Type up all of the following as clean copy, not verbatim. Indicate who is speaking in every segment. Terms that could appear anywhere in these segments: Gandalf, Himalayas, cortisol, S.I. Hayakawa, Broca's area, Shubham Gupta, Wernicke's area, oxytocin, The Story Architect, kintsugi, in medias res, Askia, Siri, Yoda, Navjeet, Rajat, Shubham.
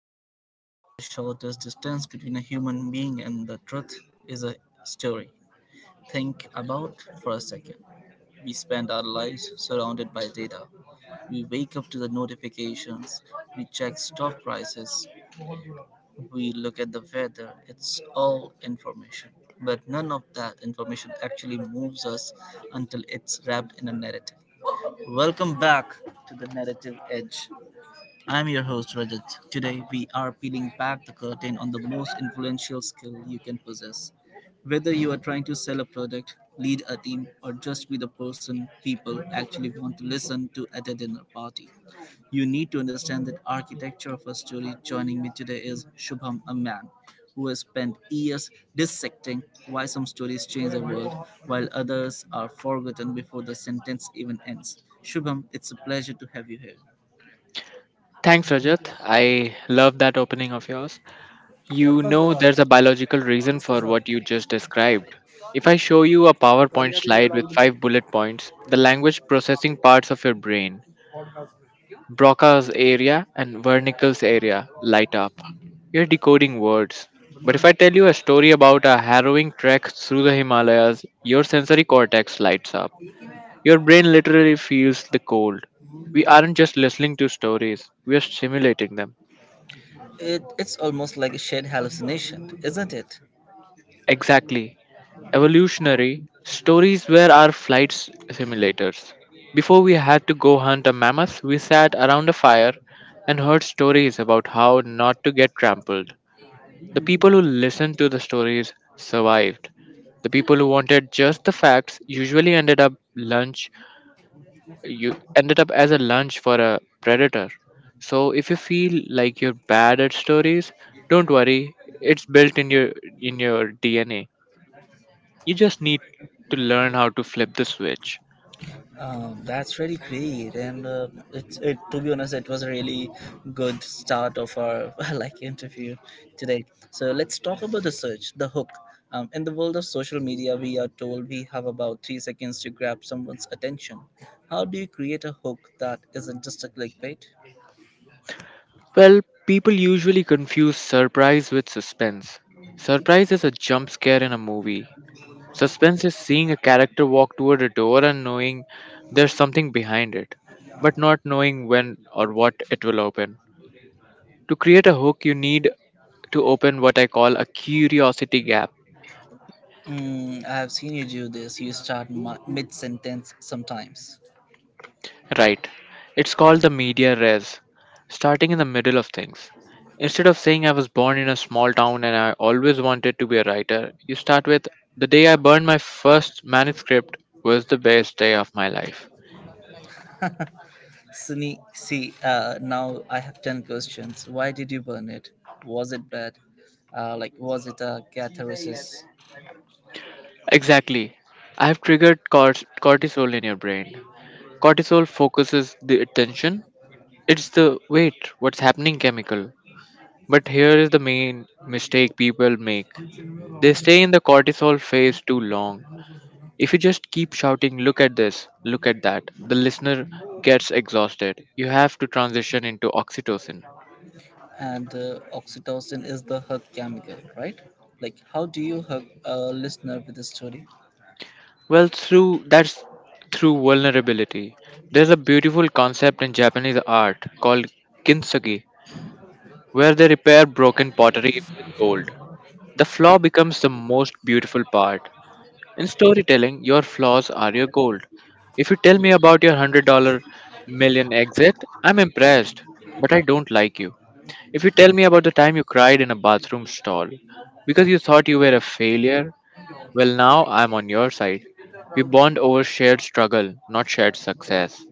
Speaker 1: They say that the shortest distance between a human being and the truth is a story. Think about for a second. We spend our lives surrounded by data. We wake up to the notifications, we check stock prices, we look at the weather. It's all information. But none of that information actually moves us until it's wrapped in a narrative. Welcome back to the narrative edge. I'm your host, Rajat. Today, we are peeling back the curtain on the most influential skill you can possess. Whether you are trying to sell a product, lead a team, or just be the person people actually want to listen to at a dinner party, you need to understand that architecture of a story. Joining me today is Shubham, a man who has spent years dissecting why some stories change the world while others are forgotten before the sentence even ends. Shubham, it's a pleasure to have you here.
Speaker 2: Thanks, Rajat. I love that opening of yours. You know, there's a biological reason
Speaker 1: इसके
Speaker 2: for
Speaker 1: साथ
Speaker 2: what you just described. If I show you a PowerPoint
Speaker 1: गालियां देनी
Speaker 2: slide with
Speaker 1: allowed नहीं
Speaker 2: five
Speaker 1: है
Speaker 2: bullet points, the language processing parts of your brain,
Speaker 1: podcast में
Speaker 2: Broca's area and Wernicke's area, light up. You're decoding words. But if I tell you a story about a harrowing trek through the Himalayas, your sensory cortex lights up. Your brain literally feels the cold. We aren't just listening to stories, we are simulating them.
Speaker 1: It's almost like a shared hallucination, isn't it?
Speaker 2: Exactly. Evolutionary, stories were our simulators. Before we had to go hunt a mammoth, we sat around a fire and heard stories about how not to get trampled. The people who listened to the stories survived. The people who wanted just the facts usually ended up lunch you ended up as a lunch for a predator. So if you feel like you're bad at stories, don't worry, it's built in your DNA. You just need to learn how to flip the switch.
Speaker 1: That's really great, and it, to be honest, it was a really good start of our like interview today. So let's talk about the search, the hook. In the world of social media, we are told we have about 3 seconds to grab someone's attention. How do you create a hook that isn't just a clickbait?
Speaker 2: Well, people usually confuse surprise with suspense. Surprise is a jump scare in a movie. Suspense is seeing a character walk toward a door and knowing there's something behind it, but not knowing when or what it will open. To create a hook, you need to open what I call a curiosity gap.
Speaker 1: Mm, I have seen you do this. You start mid sentence sometimes.
Speaker 2: Right. It's called the media res, starting in the middle of things. Instead of saying I was born in a small town and I always wanted to be a writer, you start with the day I burned my first manuscript was the best day of my life.
Speaker 1: Sunny, see, now I have 10 questions. Why did you burn it? Was it bad? Was it a catharsis?
Speaker 2: Exactly. I have triggered cortisol in your brain. Cortisol focuses the attention. It's the wait, what's happening chemical. But here is the main mistake people make. They stay in the cortisol phase too long. If you just keep shouting, look at this, look at that, the listener gets exhausted. You have to transition into oxytocin.
Speaker 1: And oxytocin is the hug chemical, right? Like, how do you hug a listener with a story?
Speaker 2: Well, through vulnerability. There's a beautiful concept in Japanese art called kintsugi, where they repair broken pottery with gold. The flaw becomes the most beautiful part. In storytelling, your flaws are your gold. If you tell me about your 100 million exit, I'm impressed, but I don't like you. If you tell me about the time you cried in a bathroom stall because you thought you were a failure, well, now I'm on your side. We bond over shared struggle, not shared success.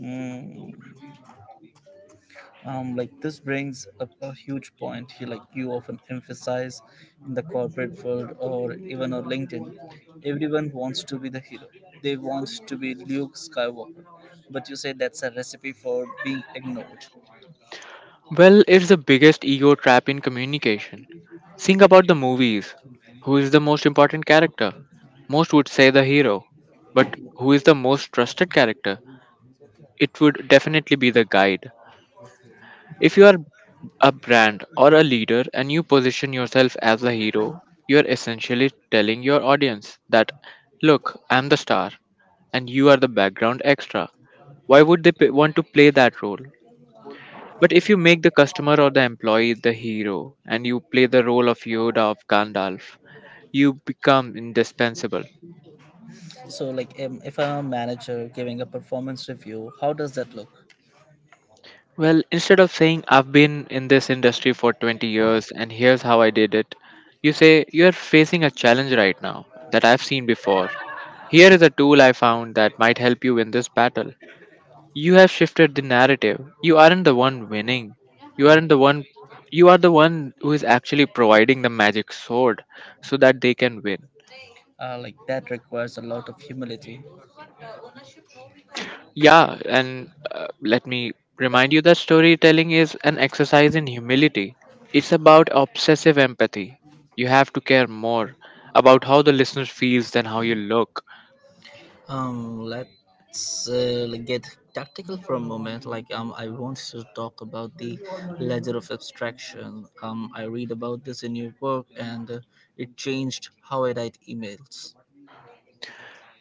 Speaker 1: Mm. This brings up a huge point you you often emphasize in the corporate world, or even on LinkedIn. Everyone wants to be the hero, they want to be Luke Skywalker, but you say that's a recipe for being ignored.
Speaker 2: Well, it's the biggest ego trap in communication. Think about the movies. Who is the most important character? Most would say the hero. But who is the most trusted character? It would definitely be the guide. If you are a brand or a leader and you position yourself as a hero, you are essentially telling your audience that, look, I'm the star and you are the background extra. Why would they want to play that role? But if you make the customer or the employee the hero and you play the role of Yoda of Gandalf, you become indispensable.
Speaker 1: So if I'm a manager giving a performance review, how does that look?
Speaker 2: Well, instead of saying I've been in this industry for 20 years and here's how I did it, you say you're facing a challenge right now that I've seen before. Here is a tool I found that might help you win this battle. You have shifted the narrative. You aren't the one winning. You aren't the one you are the one who is actually providing the magic sword so that they can win.
Speaker 1: Uh, like that requires a lot of humility.
Speaker 2: Yeah, and let me remind you that storytelling is an exercise in humility. It's about obsessive empathy. You have to care more about how the listener feels than how you look.
Speaker 1: Let's get tactical for a moment. I want to talk about the ledger of abstraction. I read about this in your book, and it changed how I write emails.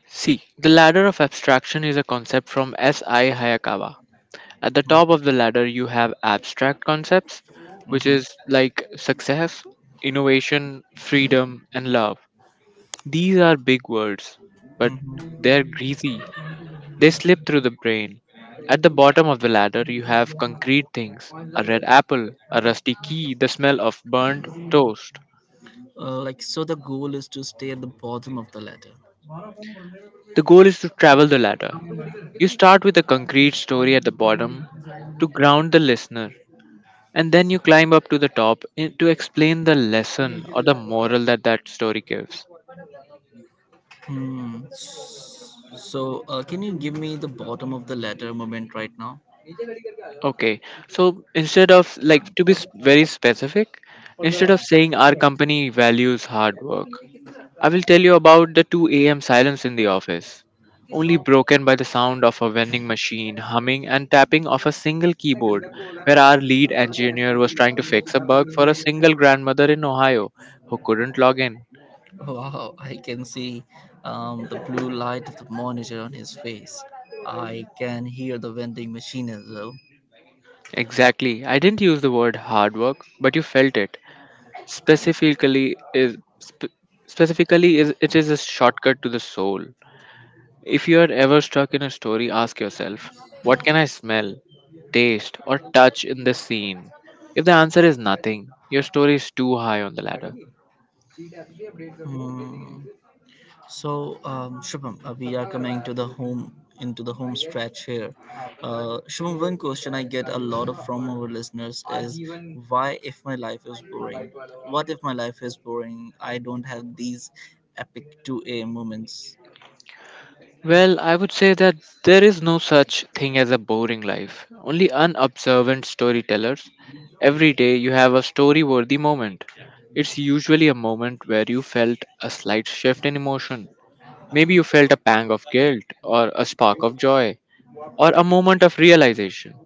Speaker 2: See, the ladder of abstraction is a concept from S.I. Hayakawa. At the top of the ladder, you have abstract concepts, which
Speaker 1: Hmm.
Speaker 2: is like success, innovation, freedom, and love. These are big words, but
Speaker 1: Hmm.
Speaker 2: they're greasy. They slip through the brain. At the bottom of the ladder, you have concrete things: a red apple, a rusty key, the smell of burnt toast.
Speaker 1: Like, so the goal is to stay at the bottom of the ladder.
Speaker 2: The goal is to travel the ladder. You start with a concrete story at the bottom to ground the listener, and then you climb up to the top to explain the lesson or the moral that that story gives.
Speaker 1: Hmm. So, can you give me the bottom of the ladder moment right now?
Speaker 2: Okay, so instead of like to be s- very specific, instead of saying our company values hard work, I will tell you about the 2 a.m. silence in the office, only broken by the sound of a vending machine humming and tapping of a single keyboard, where our lead engineer was trying to fix a bug for a single grandmother in Ohio who couldn't log in.
Speaker 1: Wow, I can see the blue light of the monitor on his face. I can hear the vending machine as well.
Speaker 2: Exactly. I didn't use the word hard work, but you felt it. Specifically is sp- specifically is a shortcut to the soul. If you are ever stuck in a story, ask yourself, what can I smell, taste, or touch in this scene? If the answer is nothing, your story is too high on the ladder.
Speaker 1: Hmm. So, Shubham, we are coming to the home into the home stretch here. Shubham, one question I get a lot of from our listeners is why, if my life is boring, what if my life is boring? I don't have these epic 2A moments.
Speaker 2: Well, I would say that there is no such thing as a boring life, only unobservant storytellers. Every day you have a story worthy moment. It's usually a moment where you felt a slight shift in emotion. Maybe you felt a pang of guilt, or a spark of joy, or a moment of realization.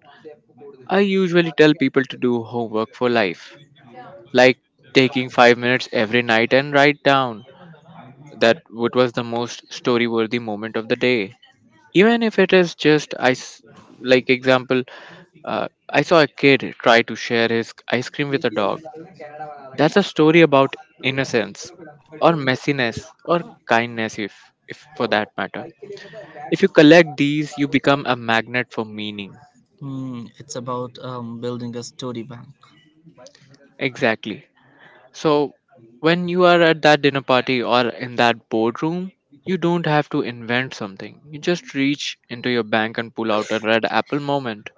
Speaker 2: I usually tell people to do homework for life, like taking 5 minutes every night and write down that what was the most story worthy moment of the day. Even if it is just ice, like example, I saw a kid try to share his ice cream with a dog. That's a story about innocence or messiness or kindness if for that matter. If you collect these, you become a magnet for meaning.
Speaker 1: Hmm, it's about building a story bank.
Speaker 2: Exactly. So, when you are at that dinner party or in that boardroom, you don't have to invent something. You just reach into your bank and pull out a red apple moment.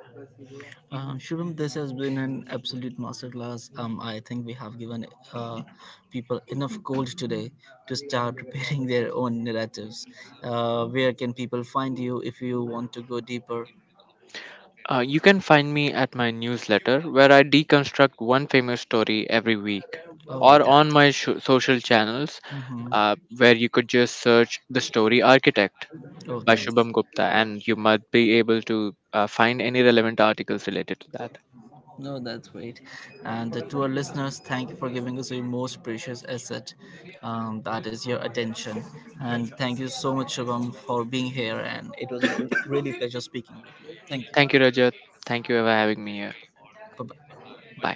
Speaker 1: Shubham, this has been an absolute masterclass. I think we have given uh, people enough gold today to start preparing their own narratives. Where can people find you if you want to go deeper?
Speaker 2: You can find me at my newsletter where I deconstruct one famous story every week,
Speaker 1: Oh,
Speaker 2: or
Speaker 1: that
Speaker 2: on my
Speaker 1: is.
Speaker 2: sho social channels
Speaker 1: Mm-hmm.
Speaker 2: where you could just search The Story Architect
Speaker 1: Oh,
Speaker 2: by
Speaker 1: nice.
Speaker 2: Shubham Gupta and you might be able to find any relevant articles related to that.
Speaker 1: No, that's great. And to our listeners, thank you for giving us your most precious asset. That is your attention. And thank you so much, Shubham, for being here. And it was a really pleasure speaking with you. Thank you.
Speaker 2: Thank you, Rajat. Thank you for having me here.
Speaker 1: Bye bye.
Speaker 2: Bye.